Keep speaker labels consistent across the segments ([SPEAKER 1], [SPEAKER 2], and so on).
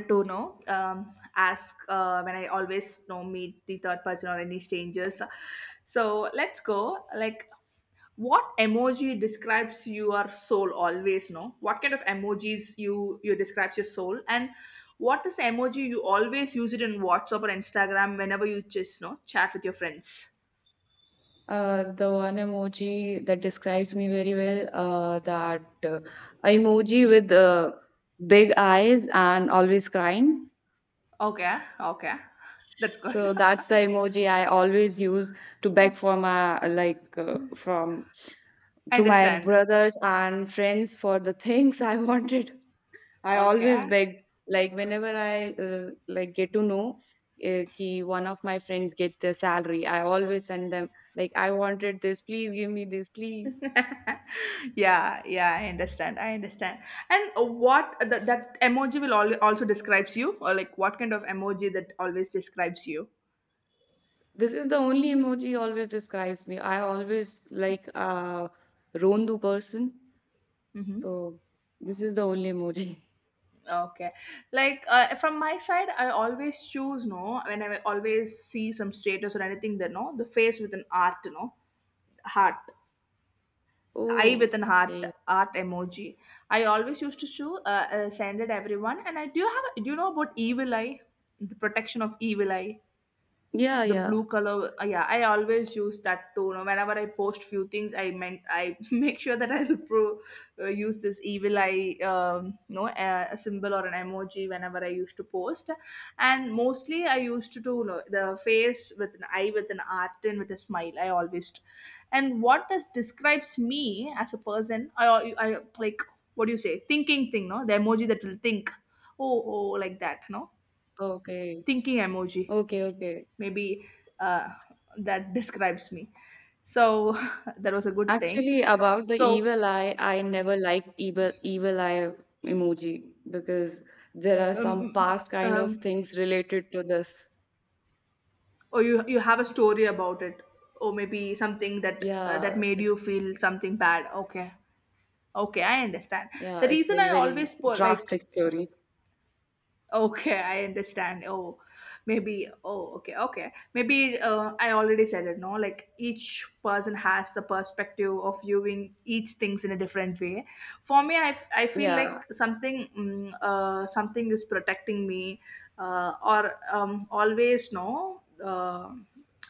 [SPEAKER 1] To know, ask, when I always meet the third person or any strangers. So let's go, like, what emoji describes your soul, always, no, what kind of emojis you describes your soul, and what is the emoji you always use it in WhatsApp or Instagram whenever you just chat with your friends?
[SPEAKER 2] The one emoji that describes me very well, that uh, emoji with big eyes and always crying.
[SPEAKER 1] Okay, okay, that's good.
[SPEAKER 2] So that's the emoji I always use to beg for my like from
[SPEAKER 1] I
[SPEAKER 2] to my
[SPEAKER 1] understand.
[SPEAKER 2] brothers and friends for the things I wanted. I
[SPEAKER 1] Okay.
[SPEAKER 2] always beg like whenever I like get to know ki one of my friends get their salary, I always send them like I wanted this, please give me this, please.
[SPEAKER 1] Yeah, yeah, I understand, I understand. And what, that emoji will also describes you, or like what kind of emoji that always describes you?
[SPEAKER 2] This is the only emoji always describes me. I always like a Rondu person.
[SPEAKER 1] Hmm.
[SPEAKER 2] So this is the only emoji.
[SPEAKER 1] Okay. Like, from my side, I always choose, no, when I always see some status or anything, that, no, the face with an art, no, heart, eye with
[SPEAKER 2] Oh,
[SPEAKER 1] an heart,
[SPEAKER 2] okay.
[SPEAKER 1] art emoji, I always used to choose, send it everyone. And I do you have, do you know about evil eye, the protection of evil eye,
[SPEAKER 2] Yeah,
[SPEAKER 1] the
[SPEAKER 2] yeah.
[SPEAKER 1] blue color, yeah, I always use that too, whenever I post few things, I meant I make sure that I will use this evil eye, a symbol or an emoji whenever I used to post. And mostly I used to do, the face with an eye with an art and with a smile, I always. And what this describes me as a person, I like, what do you say, thinking thing, no, the emoji that will think. Oh, oh, like that, no,
[SPEAKER 2] Okay.
[SPEAKER 1] thinking emoji,
[SPEAKER 2] Okay, okay.
[SPEAKER 1] maybe, uh, that describes me. So that was a good thing.
[SPEAKER 2] Actually, about the
[SPEAKER 1] So,
[SPEAKER 2] evil eye, I never liked evil eye emoji because there are some
[SPEAKER 1] um,
[SPEAKER 2] past kind of
[SPEAKER 1] um,
[SPEAKER 2] things related to this.
[SPEAKER 1] or you have a story about it, or maybe something that
[SPEAKER 2] Yeah,
[SPEAKER 1] that made
[SPEAKER 2] it's
[SPEAKER 1] you feel something bad? Okay. Okay, I understand. The
[SPEAKER 2] yeah, it's
[SPEAKER 1] reason
[SPEAKER 2] a
[SPEAKER 1] I
[SPEAKER 2] very
[SPEAKER 1] always like,
[SPEAKER 2] drastic story.
[SPEAKER 1] okay, I understand. Oh, maybe. Oh, okay, okay. Maybe I already said it. No, like each person has the perspective of viewing each things in a different way. For me, I feel
[SPEAKER 2] Yeah.
[SPEAKER 1] like something, something is protecting me, or always, no.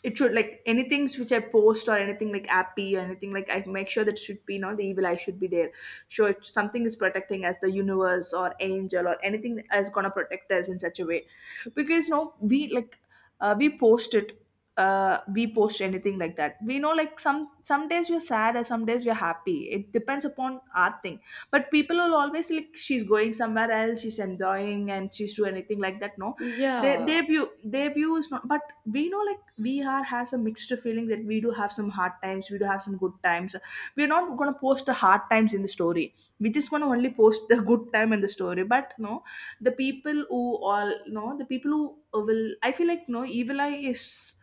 [SPEAKER 1] It should, like, anything which I post or anything like appy or anything, like, I make sure that should be no, the evil I should be there, sure if something is protecting us, the universe or angel or anything is going to protect us in such a way. Because, no, we like, we post it, we post anything like that, we know, like some days we're sad and some days we're happy, it depends upon our thing. But people will always, like, she's going somewhere else, she's enjoying, and she's doing anything like that, no, their
[SPEAKER 2] Yeah.
[SPEAKER 1] view their view is not, but we know, like, we are has a mixed feeling, that we do have some hard times, we do have some good times. We're not going to post the hard times in the story, we're just going to only post the good time in the story, but no, the people who, all no, the people who will, I feel like, no, evil eye is.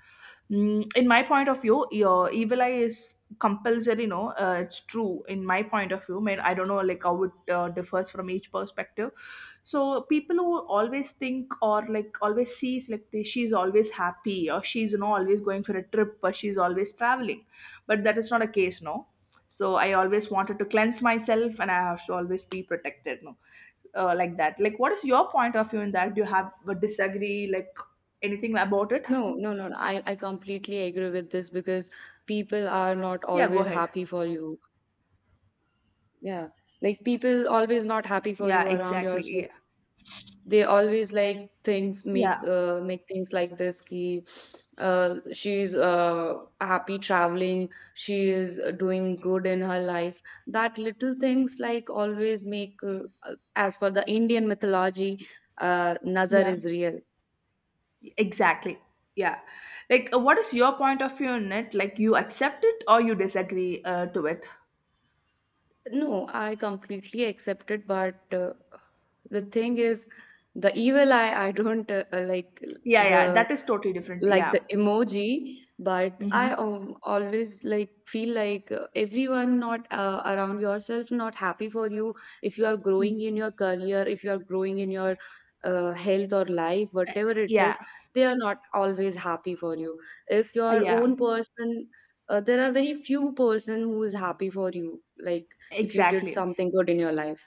[SPEAKER 1] Mm, in my point of view, your evil eye is compulsory. No, it's true. In my point of view, man, I don't know like how it differs from each perspective. So people who always think or like always sees like she's always happy, or she's, always going for a trip, or she's always traveling, but that is not a case. No. So I always wanted to cleanse myself, and I have to always be protected. No, like that. Like, what is your point of view in that? Do you have a disagree, like anything about it?
[SPEAKER 2] No, no, no, no. I completely agree with this because people are not
[SPEAKER 1] Yeah, go
[SPEAKER 2] always
[SPEAKER 1] ahead.
[SPEAKER 2] happy for you. Yeah. Like people always not happy for you
[SPEAKER 1] Yeah,
[SPEAKER 2] around
[SPEAKER 1] exactly.
[SPEAKER 2] yourself.
[SPEAKER 1] Yeah.
[SPEAKER 2] They always like things
[SPEAKER 1] Yeah.
[SPEAKER 2] make things like this ki, she's happy traveling, she is doing good in her life. That little things like always make as for the Indian mythology, nazar
[SPEAKER 1] Yeah,
[SPEAKER 2] is real.
[SPEAKER 1] exactly. Yeah. Like, what is your point of view on it? Like, you accept it or you disagree to it?
[SPEAKER 2] No, I completely accept it, but the thing is, the evil eye, I don't like
[SPEAKER 1] Yeah, yeah,
[SPEAKER 2] the
[SPEAKER 1] that is totally different.
[SPEAKER 2] like
[SPEAKER 1] Yeah.
[SPEAKER 2] the emoji. But I
[SPEAKER 1] Mm-hmm.
[SPEAKER 2] always like feel like everyone not around yourself not happy for you if you are growing in your career, if you are growing in your health or life, whatever it
[SPEAKER 1] Yeah.
[SPEAKER 2] is. They are not always happy for you if your
[SPEAKER 1] Yeah,
[SPEAKER 2] own person. There are very few person who is happy for you, like if you did
[SPEAKER 1] exactly.
[SPEAKER 2] something good in your life.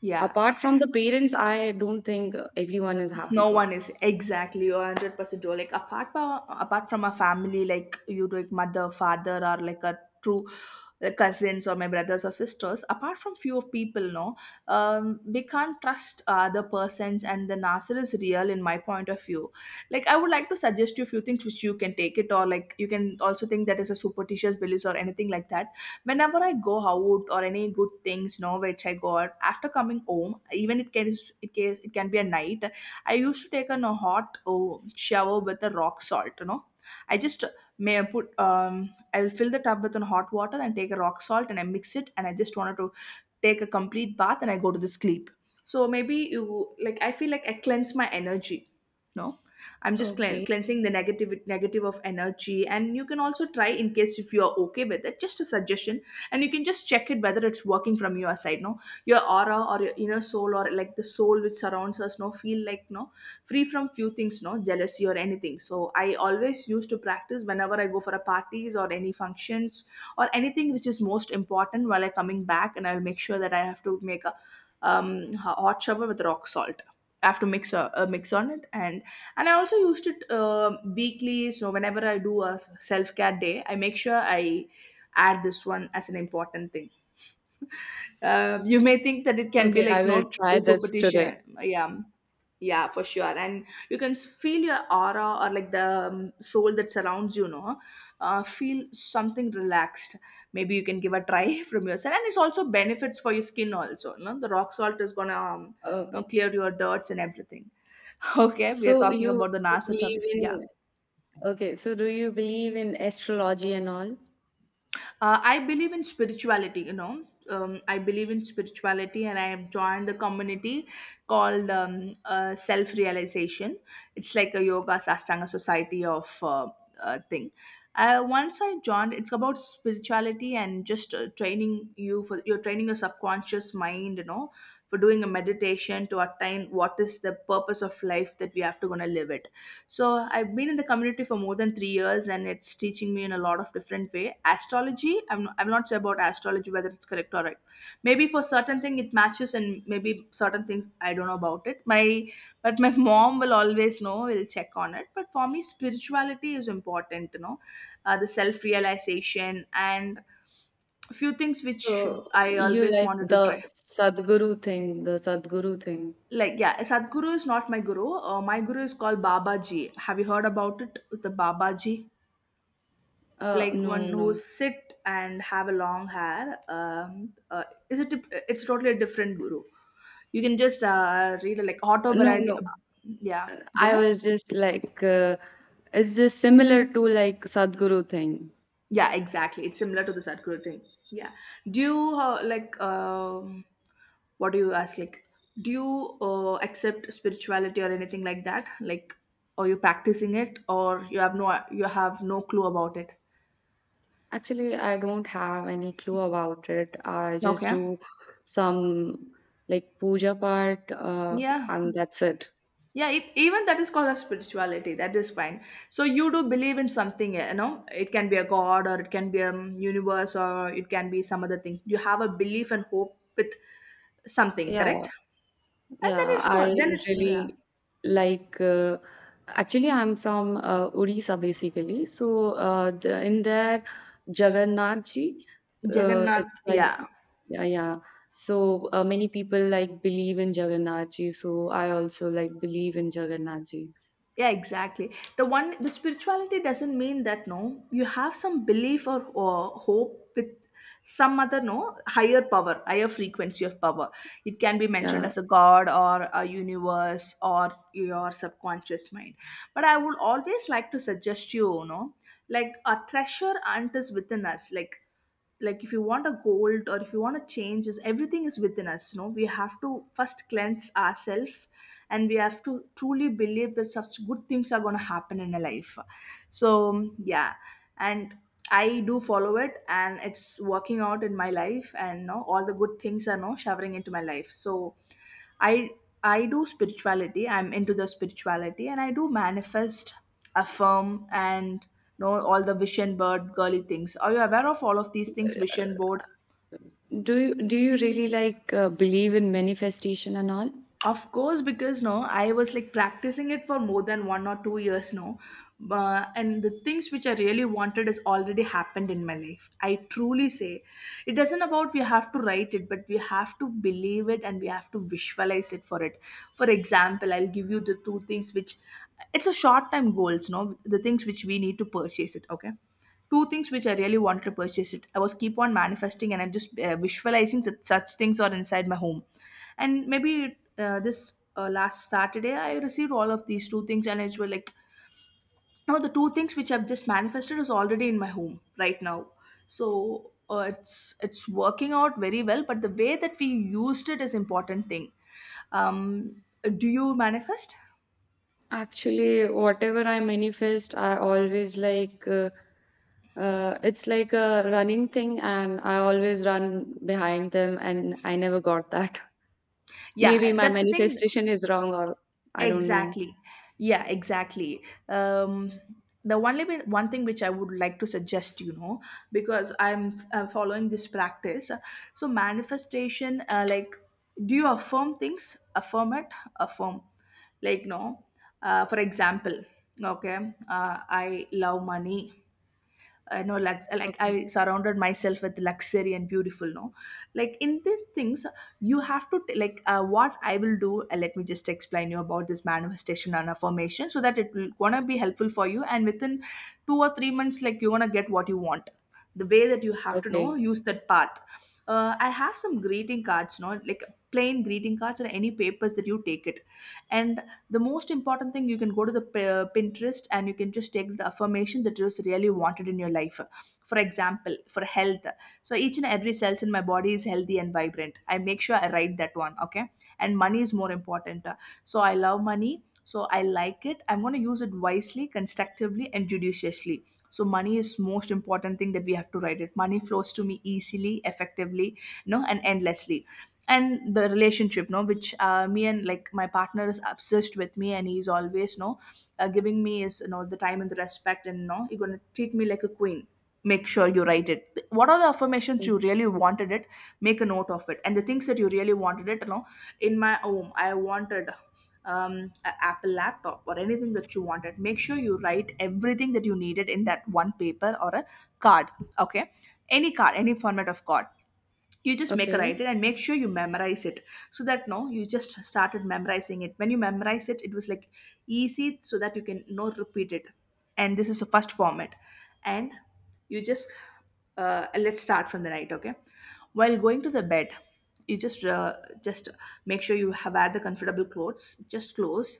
[SPEAKER 1] Yeah.
[SPEAKER 2] Apart from the parents, I don't think everyone is happy
[SPEAKER 1] No
[SPEAKER 2] for.
[SPEAKER 1] one is exactly, you 100% true, like apart from a family, like you, like mother, father or like a true cousins, or my brothers or sisters, apart from few of people, no, we can't trust other persons, and the nasser is real in my point of view. Like, I would like to suggest you a few things which you can take it, or like you can also think that is a superstitious beliefs or anything like that. Whenever I go out or any good things, no, which I got, after coming home, even it can, it can be a night. I used to take a hot, oh, shower with the rock salt, you know. I just may put, I will fill the tub with a hot water and take a rock salt and I mix it, and I just wanted to take a complete bath and I go to the sleep. So maybe you, like, I feel like I cleanse my energy. No, I'm just
[SPEAKER 2] Okay.
[SPEAKER 1] cleansing the negative of energy, and you can also try in case if you are okay with it. Just a suggestion, and you can just check it whether it's working from your side. No, your aura or your inner soul, or like the soul which surrounds us, no, feel like, no, free from few things, no, jealousy or anything. So I always used to practice whenever I go for a parties or any functions or anything which is most important. While I coming back, and I'll make sure that I have to make a, um, hot shower with rock salt. I have to mix a mix on it, and I also used it weekly. So whenever I do a self-care day, I make sure I add this one as an important thing. You may think that it can be
[SPEAKER 2] Okay, I
[SPEAKER 1] like
[SPEAKER 2] will
[SPEAKER 1] not
[SPEAKER 2] try
[SPEAKER 1] a
[SPEAKER 2] this today.
[SPEAKER 1] superstition. Yeah. Yeah, for sure. And you can feel your aura, or like the soul that surrounds, feel something relaxed. Maybe you can give a try from yourself, and it's also benefits for your skin also, no? The rock salt is gonna
[SPEAKER 2] Okay.
[SPEAKER 1] clear your dirts and everything. Okay, we are
[SPEAKER 2] So
[SPEAKER 1] talking
[SPEAKER 2] you
[SPEAKER 1] about the nasa
[SPEAKER 2] believe
[SPEAKER 1] topics, yeah.
[SPEAKER 2] in. Okay, so do you believe in astrology and all?
[SPEAKER 1] I believe in spirituality, you know. I believe in spirituality and I have joined the community called, self realization. It's like a yoga sastanga society of thing. Once I joined, it's about spirituality and just training you, for you're training your subconscious mind, you know, for doing a meditation to attain what is the purpose of life that we have to gonna live it. So I've been in the community for more than 3 years, and it's teaching me in a lot of different way. Astrology, I'm not sure about astrology whether it's correct or right. Maybe for certain thing it matches, and maybe certain things I don't know about it. My mom will always know. Will check on it. But for me, spirituality is important. You know, the self realization and a few things which
[SPEAKER 2] So
[SPEAKER 1] I
[SPEAKER 2] you
[SPEAKER 1] always
[SPEAKER 2] like
[SPEAKER 1] wanted to
[SPEAKER 2] the
[SPEAKER 1] try.
[SPEAKER 2] Sadhguru thing, the Sadhguru thing.
[SPEAKER 1] Like, yeah, Sadhguru is not my guru. My guru is called Baba Ji. Have you heard about it? The Baba Ji. Like, one
[SPEAKER 2] No,
[SPEAKER 1] who
[SPEAKER 2] no.
[SPEAKER 1] sit and have a long hair, is it, it's totally a different guru. You can just read like
[SPEAKER 2] No,
[SPEAKER 1] autobiography.
[SPEAKER 2] no.
[SPEAKER 1] Yeah, go
[SPEAKER 2] I
[SPEAKER 1] ahead.
[SPEAKER 2] was just like it's just similar to like Sadhguru thing.
[SPEAKER 1] Yeah, exactly, it's similar to the Sadhguru thing. Yeah. Do you like, what do you ask, like do you accept spirituality or anything like that, like are you practicing it or you have no clue about it?
[SPEAKER 2] Actually, I don't have any clue about it. I just
[SPEAKER 1] Okay.
[SPEAKER 2] do some like puja part,
[SPEAKER 1] Yeah,
[SPEAKER 2] and that's it.
[SPEAKER 1] yeah, even that is called a spirituality, that is fine. So you do believe in something, you know, it can be a god, or it can be a universe, or it can be some other thing. You have a belief and hope with something, correct?
[SPEAKER 2] Yeah.
[SPEAKER 1] and
[SPEAKER 2] Yeah,
[SPEAKER 1] then it's
[SPEAKER 2] I
[SPEAKER 1] called then it's, yeah,
[SPEAKER 2] really like actually I'm from Odisha basically. So in there Jagannath ji, it's
[SPEAKER 1] Jagannath.
[SPEAKER 2] like.
[SPEAKER 1] Yeah,
[SPEAKER 2] Yeah, yeah. So many people like believe in Jagannath ji. So I also like believe in Jagannath ji.
[SPEAKER 1] yeah, exactly. The one, the spirituality doesn't mean that, no, you have some belief or hope with some other, no, higher power, higher frequency of power. It can be mentioned
[SPEAKER 2] Yeah.
[SPEAKER 1] as a god or a universe or your subconscious mind. But I would always like to suggest you, you know, like a treasure hunt is within us, like if you want a goal or if you want to change, is everything is within us. No, we have to first cleanse ourselves, and we have to truly believe that such good things are going to happen in a life, so yeah. And I do follow it and it's working out in my life, and, no, all the good things are, no, showering into my life. So i I do spirituality. I'm into the spirituality and I do manifest, affirm, and you know all the vision board girly things. Are you aware of all of these things? Vision board.
[SPEAKER 2] Do you really like believe in manifestation and all?
[SPEAKER 1] Of course, because no, I was like practicing it for more than 1 or 2 years now. And the things which I really wanted has already happened in my life. I truly say it does isn't about we have to write it, but we have to believe it and we have to visualize it for it. For example, I'll give you the two things which it's a short time goals, no, the things which we need to purchase it, okay? Two things which I really wanted to purchase it. I was keep on manifesting and I'm just visualizing that such things are inside my home, and maybe this last Saturday I received all of these two things, and it was like no, the two things which I've just manifested is already in my home right now. So it's working out very well, but the way that we used it is important thing. um do you manifest?
[SPEAKER 2] Actually, whatever I manifest, I always like it's like a running thing, and I always run behind them, and I never got that.
[SPEAKER 1] Yeah,
[SPEAKER 2] Maybe my
[SPEAKER 1] that's the thing.
[SPEAKER 2] manifestation is wrong, or I don't know.
[SPEAKER 1] Exactly. Yeah, exactly. Um, the only way, one thing which I would like to suggest, you know, because I'm following this practice. So manifestation, like, do you affirm things? Affirm it. Affirm. Like, no. For example, okay, I love money. No, lux like
[SPEAKER 2] Okay,
[SPEAKER 1] I surrounded myself with luxury and beautiful, no, like in these things. You have to like what I will do, let me just explain you about this manifestation and affirmation so that it will gonna be helpful for you, and within 2 or 3 months, like, you're gonna get what you want, the way that you have to know
[SPEAKER 2] okay,
[SPEAKER 1] use that path. I have some greeting cards, no, like plain greeting cards or any papers that you take it, and the most important thing, you can go to the Pinterest, and you can just take the affirmation that is really wanted in your life. For example, for health, so each and every cells in my body is healthy and vibrant. I make sure I write that one, okay. And money is more important. So I love money, so I like it. I'm going to use it wisely, constructively, and judiciously. So money is most important thing that we have to write it. Money flows to me easily, effectively, no, and endlessly. And the relationship, no, which me and like my partner is obsessed with me and he's always no, giving me is, you know, the time and the respect, and no, you're going to treat me like a queen. Make sure you write it what are the affirmations
[SPEAKER 2] mm,
[SPEAKER 1] you really wanted it. Make a note of it and the things that you really wanted it, you know. In my home, I wanted, a Apple laptop or anything that you wanted. Make sure you write everything that you needed in that one paper or a card. Okay. Any card, any format of card, you just make a
[SPEAKER 2] okay,
[SPEAKER 1] write it and make sure you memorize it. So that no, you just started memorizing it. When you memorize it, it was like easy, so that you can, no, repeat it. And this is the first format. And you just, let's start from the night, okay. While going to the bed, you just just make sure you have had the comfortable clothes. Just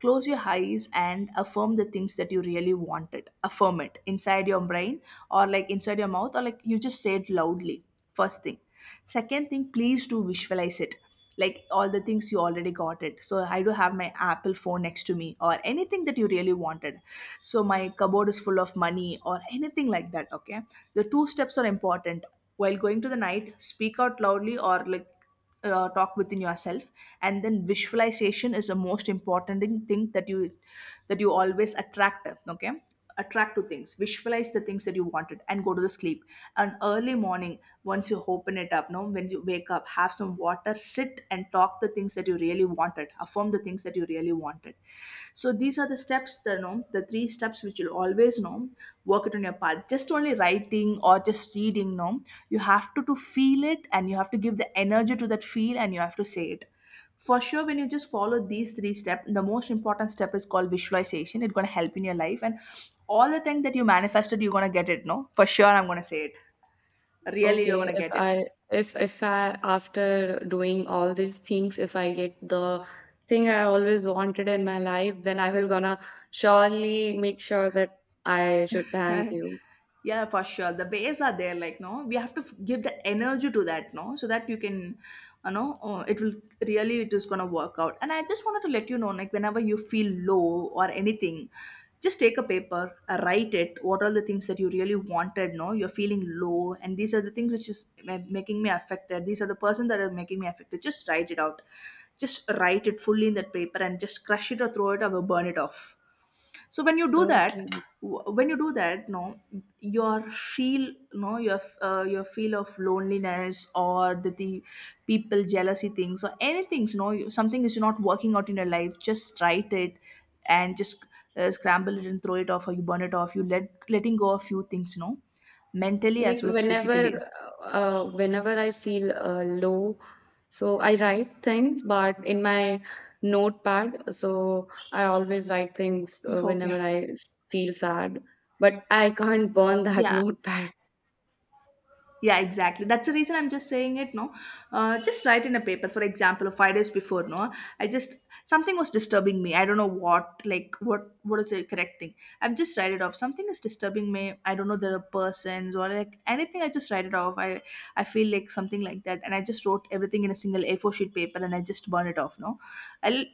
[SPEAKER 1] close your eyes and affirm the things that you really wanted. Affirm it inside your brain, or like inside your mouth, or like you just say it loudly. First thing, second thing, please do visualize it. Like, all the things you already got it, so I do have my Apple phone next to me or anything that you really wanted. So my cupboard is full of money or anything like that, okay. The two steps are important. While going to the night, speak out loudly or like talk within yourself. And then visualization is the most important thing that you always attract, okay. Attract to things, visualize the things that you wanted, and go to the sleep. And early morning, once you open it up, no, when you wake up, have some water, sit, and talk the things that you really wanted. Affirm the things that you really wanted. So these are the steps, the, you know, the three steps which you'll always, you know, work it on your part. Just only writing or just reading, no. You have to feel it, and you have to give the energy to that feel, and you have to say it. For sure, when you just follow these three steps, the most important step is called visualization. It's gonna help in your life, and all the things that you manifested, you're gonna get it, no? For sure, I'm gonna say it. Really, you're
[SPEAKER 2] okay.
[SPEAKER 1] gonna
[SPEAKER 2] If
[SPEAKER 1] get it.
[SPEAKER 2] I if if I after doing all these things, if I get the thing I always wanted in my life, then I will gonna surely make sure that I should thank you.
[SPEAKER 1] yeah, for sure the base are there, like no, we have to give the energy to that, no, so that you can, you know, it will really, it is going to work out. And I just wanted to let you know, like, whenever you feel low or anything, just take a paper, write it what are the things that you really wanted, no, you're feeling low, and these are the things which is making me affected, these are the person that are making me affected. Just write it out, just write it fully in that paper and just crush it or throw it or burn it off. So when you do that,
[SPEAKER 2] Okay.
[SPEAKER 1] when you do that, no, your feel no your your feel of loneliness or the people jealousy things or anything, you know, something is not working out in your life, just write it. And just scramble it and throw it off, or you burn it off. You let letting go of few things, you know, mentally as
[SPEAKER 2] Like
[SPEAKER 1] well as physically.
[SPEAKER 2] whenever I feel low, so I write things, but in my notepad. So I always write things
[SPEAKER 1] Okay.
[SPEAKER 2] whenever I feel sad, but I can't burn that
[SPEAKER 1] Yeah.
[SPEAKER 2] notepad.
[SPEAKER 1] Yeah, exactly. That's the reason I'm just saying it. No, just write in a paper. For example, 5 days before, no, I just something was disturbing me. I don't know what, like what is the correct thing. I've just write it off. Something is disturbing me. I don't know there are persons or like anything. I just write it off. I feel like something like that, and I just wrote everything in a single A4 sheet paper, and I just burn it off. No, I'll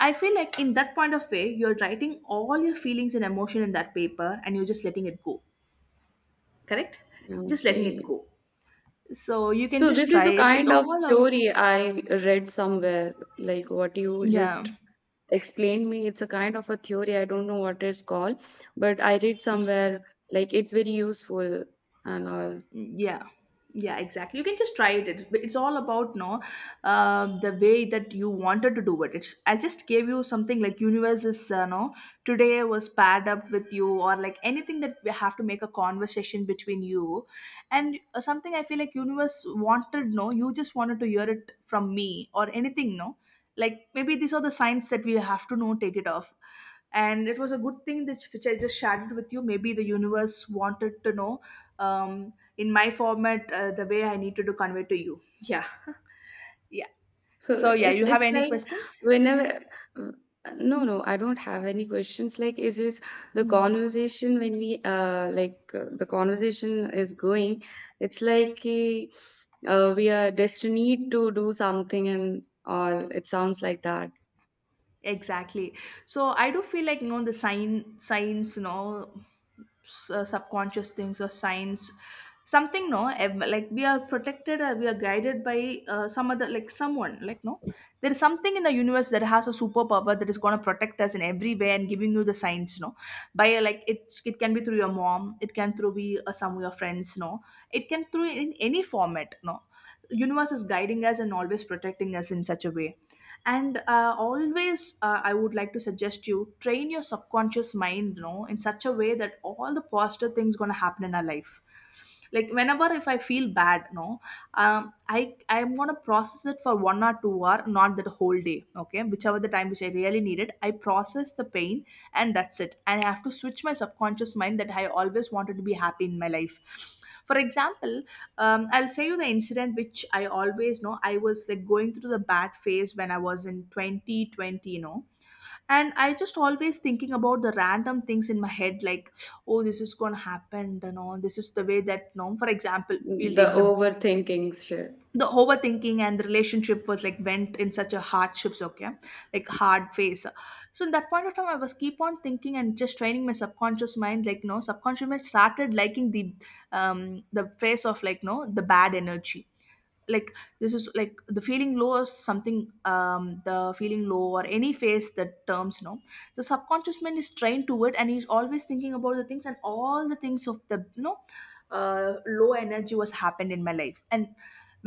[SPEAKER 1] I feel like in that point of way, you're writing all your feelings and emotion in that paper and you're just letting it go. Correct? Just letting it
[SPEAKER 2] Okay.
[SPEAKER 1] go, so you can
[SPEAKER 2] So
[SPEAKER 1] just
[SPEAKER 2] this
[SPEAKER 1] try
[SPEAKER 2] is a
[SPEAKER 1] it, it's
[SPEAKER 2] kind of
[SPEAKER 1] all a,
[SPEAKER 2] theory I read somewhere, like what you
[SPEAKER 1] yeah,
[SPEAKER 2] just explained me. It's a kind of a theory. I don't know what it's called, but I read somewhere like it's very useful and all.
[SPEAKER 1] yeah, yeah exactly, you can just try it. It's all about, no, the way that you wanted to do it. It's I just gave you something like universe is no, today was paired up with you or like anything that we have to make a conversation between you. And something, I feel like universe wanted, no, you just wanted to hear it from me or anything, no, like maybe these are the signs that we have to know take it off. And it was a good thing that which I just shared it with you. Maybe the universe wanted to know, in my format, the way I needed to convey to you, yeah. yeah.
[SPEAKER 2] So
[SPEAKER 1] So yeah,
[SPEAKER 2] it's
[SPEAKER 1] you have
[SPEAKER 2] it's
[SPEAKER 1] any
[SPEAKER 2] like
[SPEAKER 1] questions?
[SPEAKER 2] whenever, uh, no, no, I don't have any questions, like it's just
[SPEAKER 1] Mm.
[SPEAKER 2] the conversation is going. It's like we are destined to do something, and all it sounds like that.
[SPEAKER 1] Exactly. So I do feel like, you know, the signs, you know, subconscious things or signs. Something, no, like we are protected or we are guided by some other, like someone, like, no, there is something in the universe that has a superpower that is going to protect us in every way and giving you the signs, no, by like it can be through your mom, it can through be some of your friends, no, it can through in any format, no. Universe is guiding us and always protecting us in such a way. And always I would like to suggest you train your subconscious mind, you know, in such a way that all the positive things going to happen in our life. Like, whenever if I feel bad, no, I'm gonna process it for 1 or 2 hour, not that whole day, okay, whichever the time which I really needed, I process the pain. And that's it. And I have to switch my subconscious mind that I always wanted to be happy in my life. For example, I'll say you the incident which I always know. I was like going through the bad phase when I was in 2020, you know. And I just always thinking about the random things in my head, like, oh, this is gonna happen, this is the way that, no. For example, we'll
[SPEAKER 2] The
[SPEAKER 1] take
[SPEAKER 2] overthinking shit.
[SPEAKER 1] the overthinking and the relationship was like went in such a hardships, okay, like hard phase. So in that point of time, I was keep on thinking and just training my subconscious mind, like, no, subconscious mind started liking the phrase of like, no, the bad energy like this is like the feeling low is something the feeling low or any phase that terms know, the subconscious mind is trained to it and he's always thinking about the things and all the things of the low energy was happened in my life. And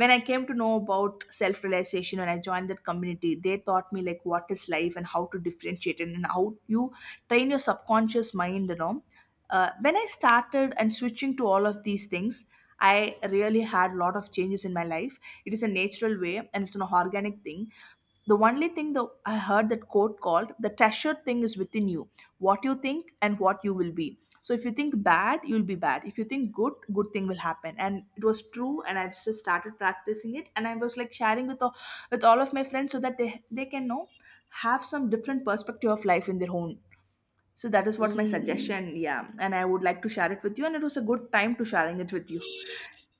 [SPEAKER 1] when I came to know about self realization, when I joined that community, they taught me like what is life and how to differentiate it and how you train your subconscious mind. When I started and switching to all of these things, I really had a lot of changes in my life. It is a natural way and it's an organic thing. The only thing that I heard that quote called the treasured thing is within you. What you think and what you will be. So if you think bad, you'll be bad. If you think good, good thing will happen. And it was true and I've just started practicing it and I was like sharing with all of my friends so that they can know have some different perspective of life in their own. So that is what my
[SPEAKER 2] Mm.
[SPEAKER 1] suggestion, yeah. And I would like to share it with you and it was a good time to sharing it with you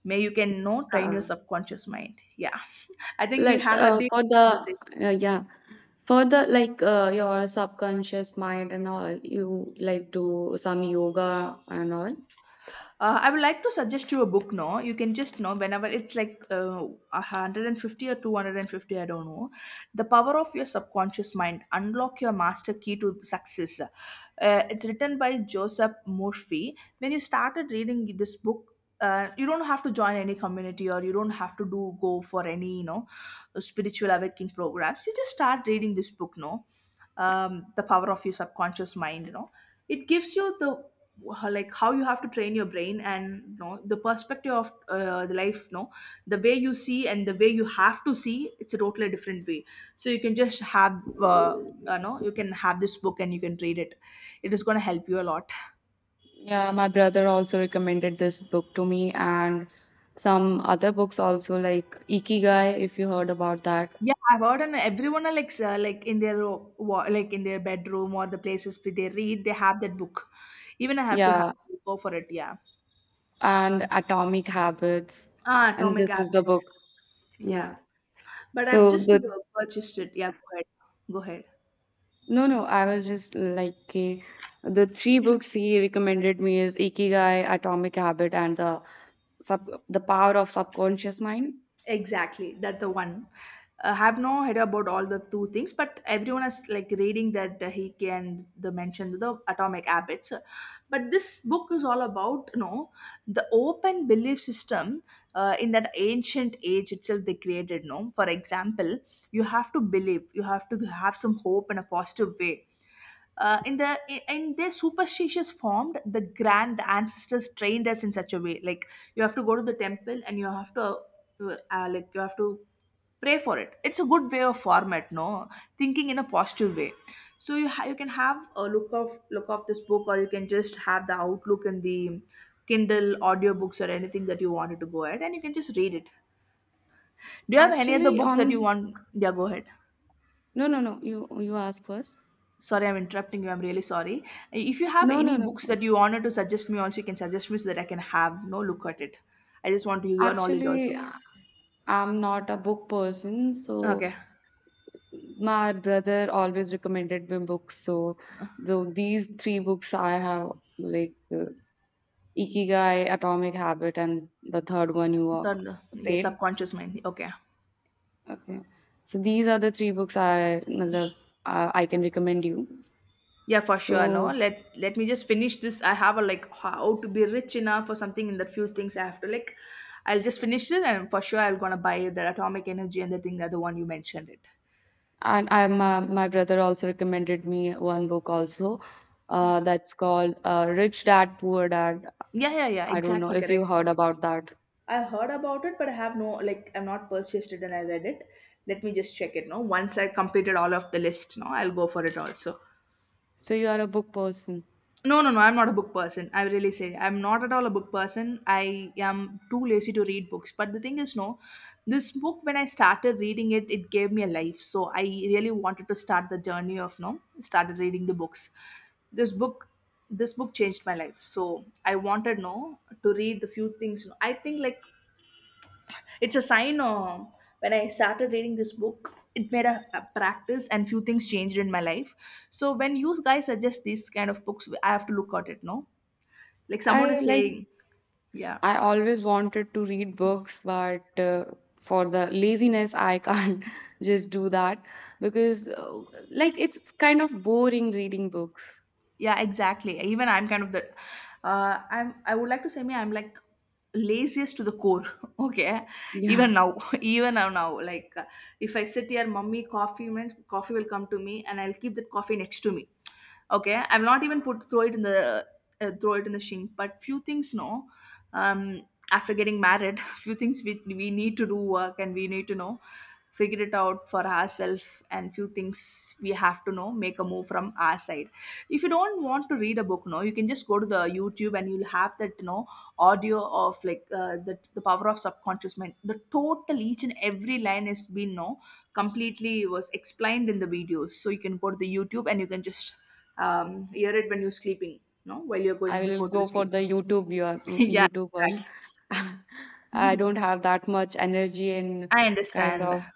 [SPEAKER 1] may you can know train your
[SPEAKER 2] uh,
[SPEAKER 1] subconscious mind, yeah. I think we
[SPEAKER 2] like
[SPEAKER 1] had a deep
[SPEAKER 2] for the
[SPEAKER 1] conversation.
[SPEAKER 2] yeah, for the like your subconscious mind and all, you like do some yoga and all.
[SPEAKER 1] I would like to suggest you a book. No, you can just know whenever it's like 150 or 250. I don't know. The power of your subconscious mind, unlock your master key to success. It's written by Joseph Murphy. When you started reading this book. You don't have to join any community or you don't have to do go for any spiritual awakening programs. You just start reading this book, no, the power of your subconscious mind. It gives you the like how you have to train your brain and you know the perspective of the life, no, the way you see and the way you have to see, it's a totally different way. So you can just have no, you can have this book and you can read it. It is going to help you a lot.
[SPEAKER 2] Yeah, my brother also recommended this book to me and some other books also like Ikigai, if you heard about that.
[SPEAKER 1] Yeah, I've heard and everyone are like in their like in their bedroom or the places where they read, they have that book. Even I have to have
[SPEAKER 2] Yeah,
[SPEAKER 1] go for it, yeah.
[SPEAKER 2] and Atomic Habits.
[SPEAKER 1] Ah,
[SPEAKER 2] And
[SPEAKER 1] atomic
[SPEAKER 2] this is the
[SPEAKER 1] habits.
[SPEAKER 2] book.
[SPEAKER 1] Yeah,
[SPEAKER 2] Yeah.
[SPEAKER 1] but I've
[SPEAKER 2] So
[SPEAKER 1] just
[SPEAKER 2] the
[SPEAKER 1] purchased it. Yeah, go ahead. Go ahead.
[SPEAKER 2] No, no, I was just like the three books he recommended me is Ikigai, Atomic Habit, and the Power of Subconscious Mind.
[SPEAKER 1] Exactly, that's the one. I have no idea about all the two things, but everyone is like reading that, he can the mention the atomic habits. But this book is all about the open belief system, in that ancient age itself they created. No, for example, you have to believe, you have to have some hope in a positive way, in the in their superstitious form, the grand ancestors trained us in such a way, like you have to go to the temple and you have to like you have to pray for it. It's a good way of format, no, thinking in a positive way. So you can have a look of this book or you can just have the outlook and the kindle audiobooks or anything that you wanted to go ahead and you can just read it. Do you have any other
[SPEAKER 2] Actually,
[SPEAKER 1] books that you
[SPEAKER 2] on.
[SPEAKER 1] want? Yeah, go ahead.
[SPEAKER 2] No, no, no, you ask first.
[SPEAKER 1] Sorry, I'm interrupting you. I'm really sorry. If you have
[SPEAKER 2] No,
[SPEAKER 1] any
[SPEAKER 2] no, no.
[SPEAKER 1] books that
[SPEAKER 2] It's
[SPEAKER 1] you wanted to suggest me, also you can suggest me, so that I can have no look at it. I just want your knowledge also.
[SPEAKER 2] actually I'm not a book person, so
[SPEAKER 1] Okay.
[SPEAKER 2] my brother always recommended me books. So, though these three books I have, like Ikigai, Atomic Habit, and the third one you
[SPEAKER 1] Third, yeah,
[SPEAKER 2] said.
[SPEAKER 1] subconscious mind. Okay.
[SPEAKER 2] Okay, so these are the three books I matlab, I can recommend you.
[SPEAKER 1] Yeah, for sure. No,
[SPEAKER 2] So,
[SPEAKER 1] let me just finish this. I have a like how to be rich enough or something in the few things I have to like. I'll just finish it and for sure I'm gonna buy the atomic energy and the thing that the one you mentioned it.
[SPEAKER 2] and my brother also recommended me one book also. That's called Rich Dad Poor Dad.
[SPEAKER 1] Yeah, yeah, yeah.
[SPEAKER 2] I don't know
[SPEAKER 1] Exactly
[SPEAKER 2] if you
[SPEAKER 1] correct.
[SPEAKER 2] heard about that.
[SPEAKER 1] I heard about it, but I have no like I've not purchased it and I read it. Let me just check it. No, once I completed all of the list, no, I'll go for it also.
[SPEAKER 2] So you are a book person.
[SPEAKER 1] No, no, no. I'm not a book person. I really say I'm not at all a book person. I am too lazy to read books. But the thing is, no, this book when I started reading it, it gave me a life. So I really wanted to start the journey of no, started reading the books. This book, this book changed my life, so I wanted no to read the few things, no. I think like it's a sign of when I started reading this book, it made a practice and few things changed in my life. So when you guys suggest these kind of books, I have to look at it, no? Like someone
[SPEAKER 2] I
[SPEAKER 1] is
[SPEAKER 2] like
[SPEAKER 1] saying, yeah.
[SPEAKER 2] I always wanted to read books, but for the laziness, I can't just do that because like it's kind of boring reading books.
[SPEAKER 1] Yeah, exactly, even I'm kind of the I'm I would like to say me I'm like laziest to the core. Okay, even
[SPEAKER 2] Yeah,
[SPEAKER 1] now, even now now like if I sit here mummy coffee means coffee will come to me and I'll keep that coffee next to me. Okay, I will not even put throw it in the throw it in the sink. But few things, no, um after getting married few things we need to do work and we need to know figure it out for ourselves and few things we have to know make a move from our side. If you don't want to read a book, no, you can just go to the YouTube and you'll have that audio of like the power of subconscious mind, the total each and every line has been no completely was explained in the videos. So you can go to the YouTube and you can just hear it when you're sleeping, no, while you're
[SPEAKER 2] I
[SPEAKER 1] going before
[SPEAKER 2] will
[SPEAKER 1] to the
[SPEAKER 2] go for
[SPEAKER 1] sleep.
[SPEAKER 2] the
[SPEAKER 1] Yeah,
[SPEAKER 2] YouTube one.
[SPEAKER 1] exactly.
[SPEAKER 2] I don't have that much energy and
[SPEAKER 1] I
[SPEAKER 2] kind
[SPEAKER 1] understand.
[SPEAKER 2] of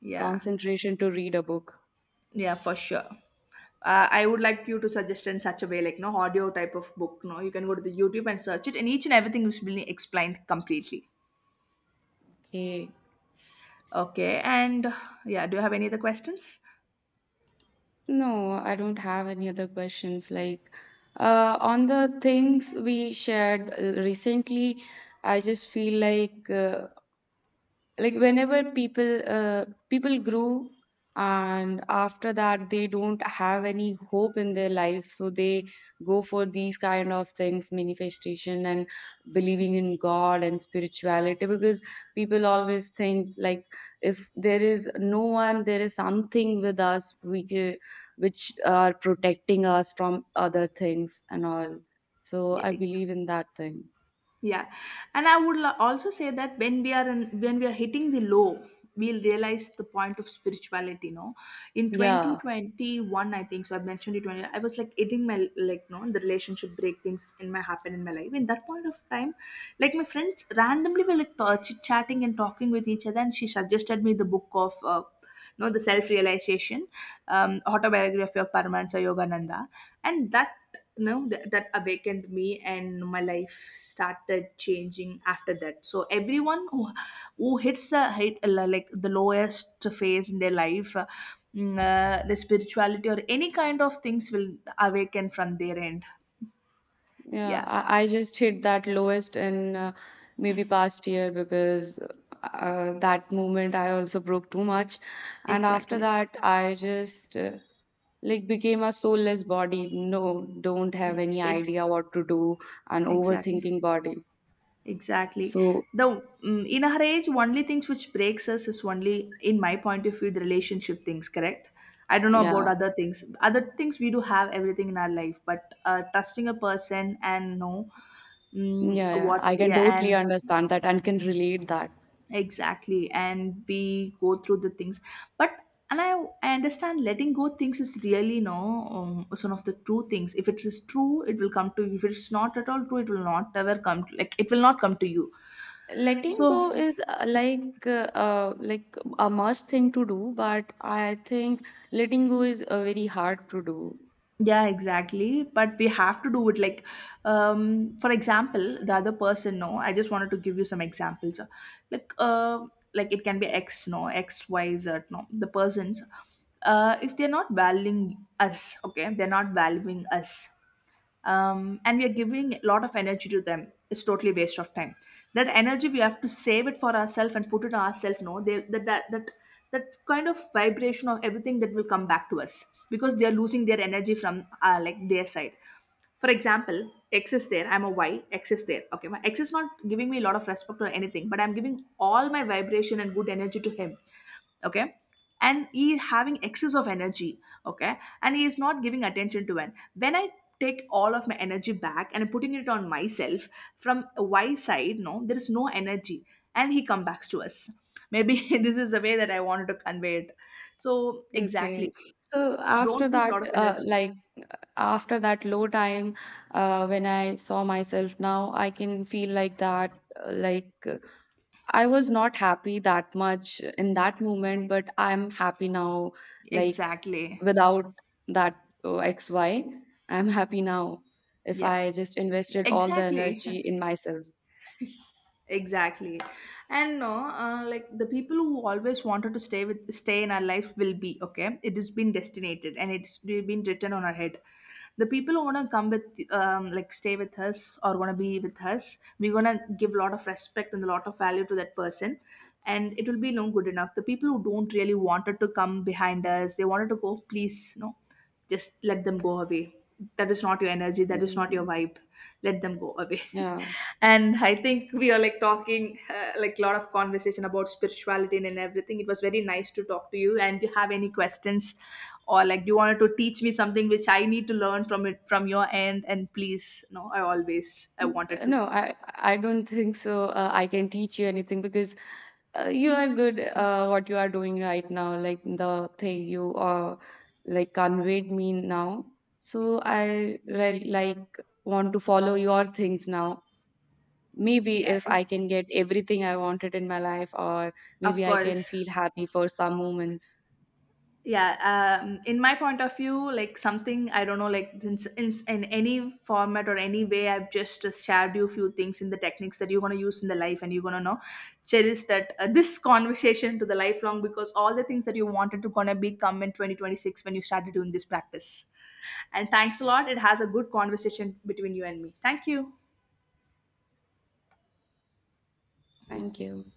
[SPEAKER 1] Yeah.
[SPEAKER 2] concentration to read a book.
[SPEAKER 1] Yeah, for sure. I would like you to suggest in such a way, like no audio type of book. No, you can go to the YouTube and search it, and each and everything is being explained completely.
[SPEAKER 2] Okay.
[SPEAKER 1] Okay, and yeah, do you have any other questions?
[SPEAKER 2] No, I don't have any other questions. Like, on the things we shared recently, I just feel like whenever people grew and after that they don't have any hope in their life, so they go for these kind of things, manifestation and believing in God and spirituality, because people always think like if there is no one, there is something with us. We which are protecting us from other things and all. So
[SPEAKER 1] Yeah,
[SPEAKER 2] I believe in that thing.
[SPEAKER 1] yeah, and I would also say that when we are in, when we are hitting the low, we'll realize the point of spirituality. No, in twenty
[SPEAKER 2] Yeah.
[SPEAKER 1] twenty one, I think so. I mentioned it when I was like eating my like no the relationship break things in my happen in my life. In that point of time, like my friends randomly were like chit chatting and talking with each other, and she suggested me the book of. No, the self-realization, autobiography of Paramahansa Yogananda, and that you know that awakened me and my life started changing after that. So everyone who hits the hit like the lowest phase in their life, the spirituality or any kind of things will awaken from their end.
[SPEAKER 2] Yeah,
[SPEAKER 1] Yeah,
[SPEAKER 2] I just hit that lowest in, maybe past year, because that moment I also broke too much. And after
[SPEAKER 1] exactly.
[SPEAKER 2] that, I just like became a soulless body. No, don't have
[SPEAKER 1] Mm,
[SPEAKER 2] any
[SPEAKER 1] ex-
[SPEAKER 2] idea what to do, an
[SPEAKER 1] exactly.
[SPEAKER 2] overthinking body.
[SPEAKER 1] Exactly.
[SPEAKER 2] So,
[SPEAKER 1] The mm, in our age, only things which breaks us is only, in my point of view, the relationship things. Correct. I don't know about
[SPEAKER 2] yeah,
[SPEAKER 1] other things. Other things we do have everything in our life, but trusting a person and know mm,
[SPEAKER 2] yeah, yeah,
[SPEAKER 1] what,
[SPEAKER 2] I can
[SPEAKER 1] yeah. And
[SPEAKER 2] totally understand that and can relate that.
[SPEAKER 1] exactly, and we go through the things. But and I understand letting go things is really no is one of the true things. If it is true, it will come to you. If it's not at all true, it will not ever come. To, like it will not come to you.
[SPEAKER 2] Letting
[SPEAKER 1] So
[SPEAKER 2] go is like a must thing to do, but I think letting go is very hard to do.
[SPEAKER 1] yeah, exactly, but we have to do it like for example the other person, no, I just wanted to give you some examples. So, like uh like it can be x, no, x y z, no, the persons, if they're not valuing us, okay, they're not valuing us, and we are giving a lot of energy to them. It's totally waste of time. That energy we have to save it for ourselves and put it on ourselves, no, they, that that kind of vibration of everything, that will come back to us because they are losing their energy from like their side. For example, x is there, I'm a y, x is there, okay, my x is not giving me a lot of respect or anything, but I'm giving all my vibration and good energy to him. Okay, and he having excess of energy. Okay, and he is not giving attention to it. When I take all of my energy back and putting it on myself, from y side, no, there is no energy, and he comes back to us, maybe. This is the way that I wanted to convey it. So exactly.
[SPEAKER 2] Okay. So after
[SPEAKER 1] Don't put a
[SPEAKER 2] that,
[SPEAKER 1] lot of energy.
[SPEAKER 2] like after that low time, when I saw myself now, I can feel like that, like I was not happy that much in that moment, but I'm happy now, like
[SPEAKER 1] Exactly.
[SPEAKER 2] without that XY, am happy now if
[SPEAKER 1] Yeah,
[SPEAKER 2] I just invested all the
[SPEAKER 1] exactly.
[SPEAKER 2] energy in myself.
[SPEAKER 1] Exactly. And no, like the people who always wanted to stay with stay in our life will be okay. It has been destinated and it's been written on our head. The people who wanna come with, like stay with us or wanna be with us, we're gonna give a lot of respect and a lot of value to that person, and it will be no good enough. The people who don't really wanted to come behind us, they wanted to go, please, no, just let them go away. That is not your energy, that is not your
[SPEAKER 2] Mm,
[SPEAKER 1] vibe. Let them go away.
[SPEAKER 2] yeah.
[SPEAKER 1] And I think we are like talking like a lot of conversation about spirituality and everything. It was very nice to talk to you. And do you have any questions, or like do you wanted to teach me something which I need to learn from it from your end, and please, no, I always I wanted to,
[SPEAKER 2] No, I don't think so. I can teach you anything because you are good what you are doing right now, like the thing you like conveyed me now. So I re like want to follow your things now. Maybe
[SPEAKER 1] yeah,
[SPEAKER 2] if I can get everything I wanted in my life, or
[SPEAKER 1] of
[SPEAKER 2] maybe I can
[SPEAKER 1] course,
[SPEAKER 2] feel happy for some moments.
[SPEAKER 1] yeah. In my point of view, like something I don't know like in any format or any way, I've just shared you few things in the techniques that you're going to use in the life, and you're going to know cherish that this conversation to the lifelong, because all the things that you wanted to gonna be come in 2026 when you started doing this practice. And thanks a lot, it has a good conversation between you and me. Thank you.
[SPEAKER 2] Thank you.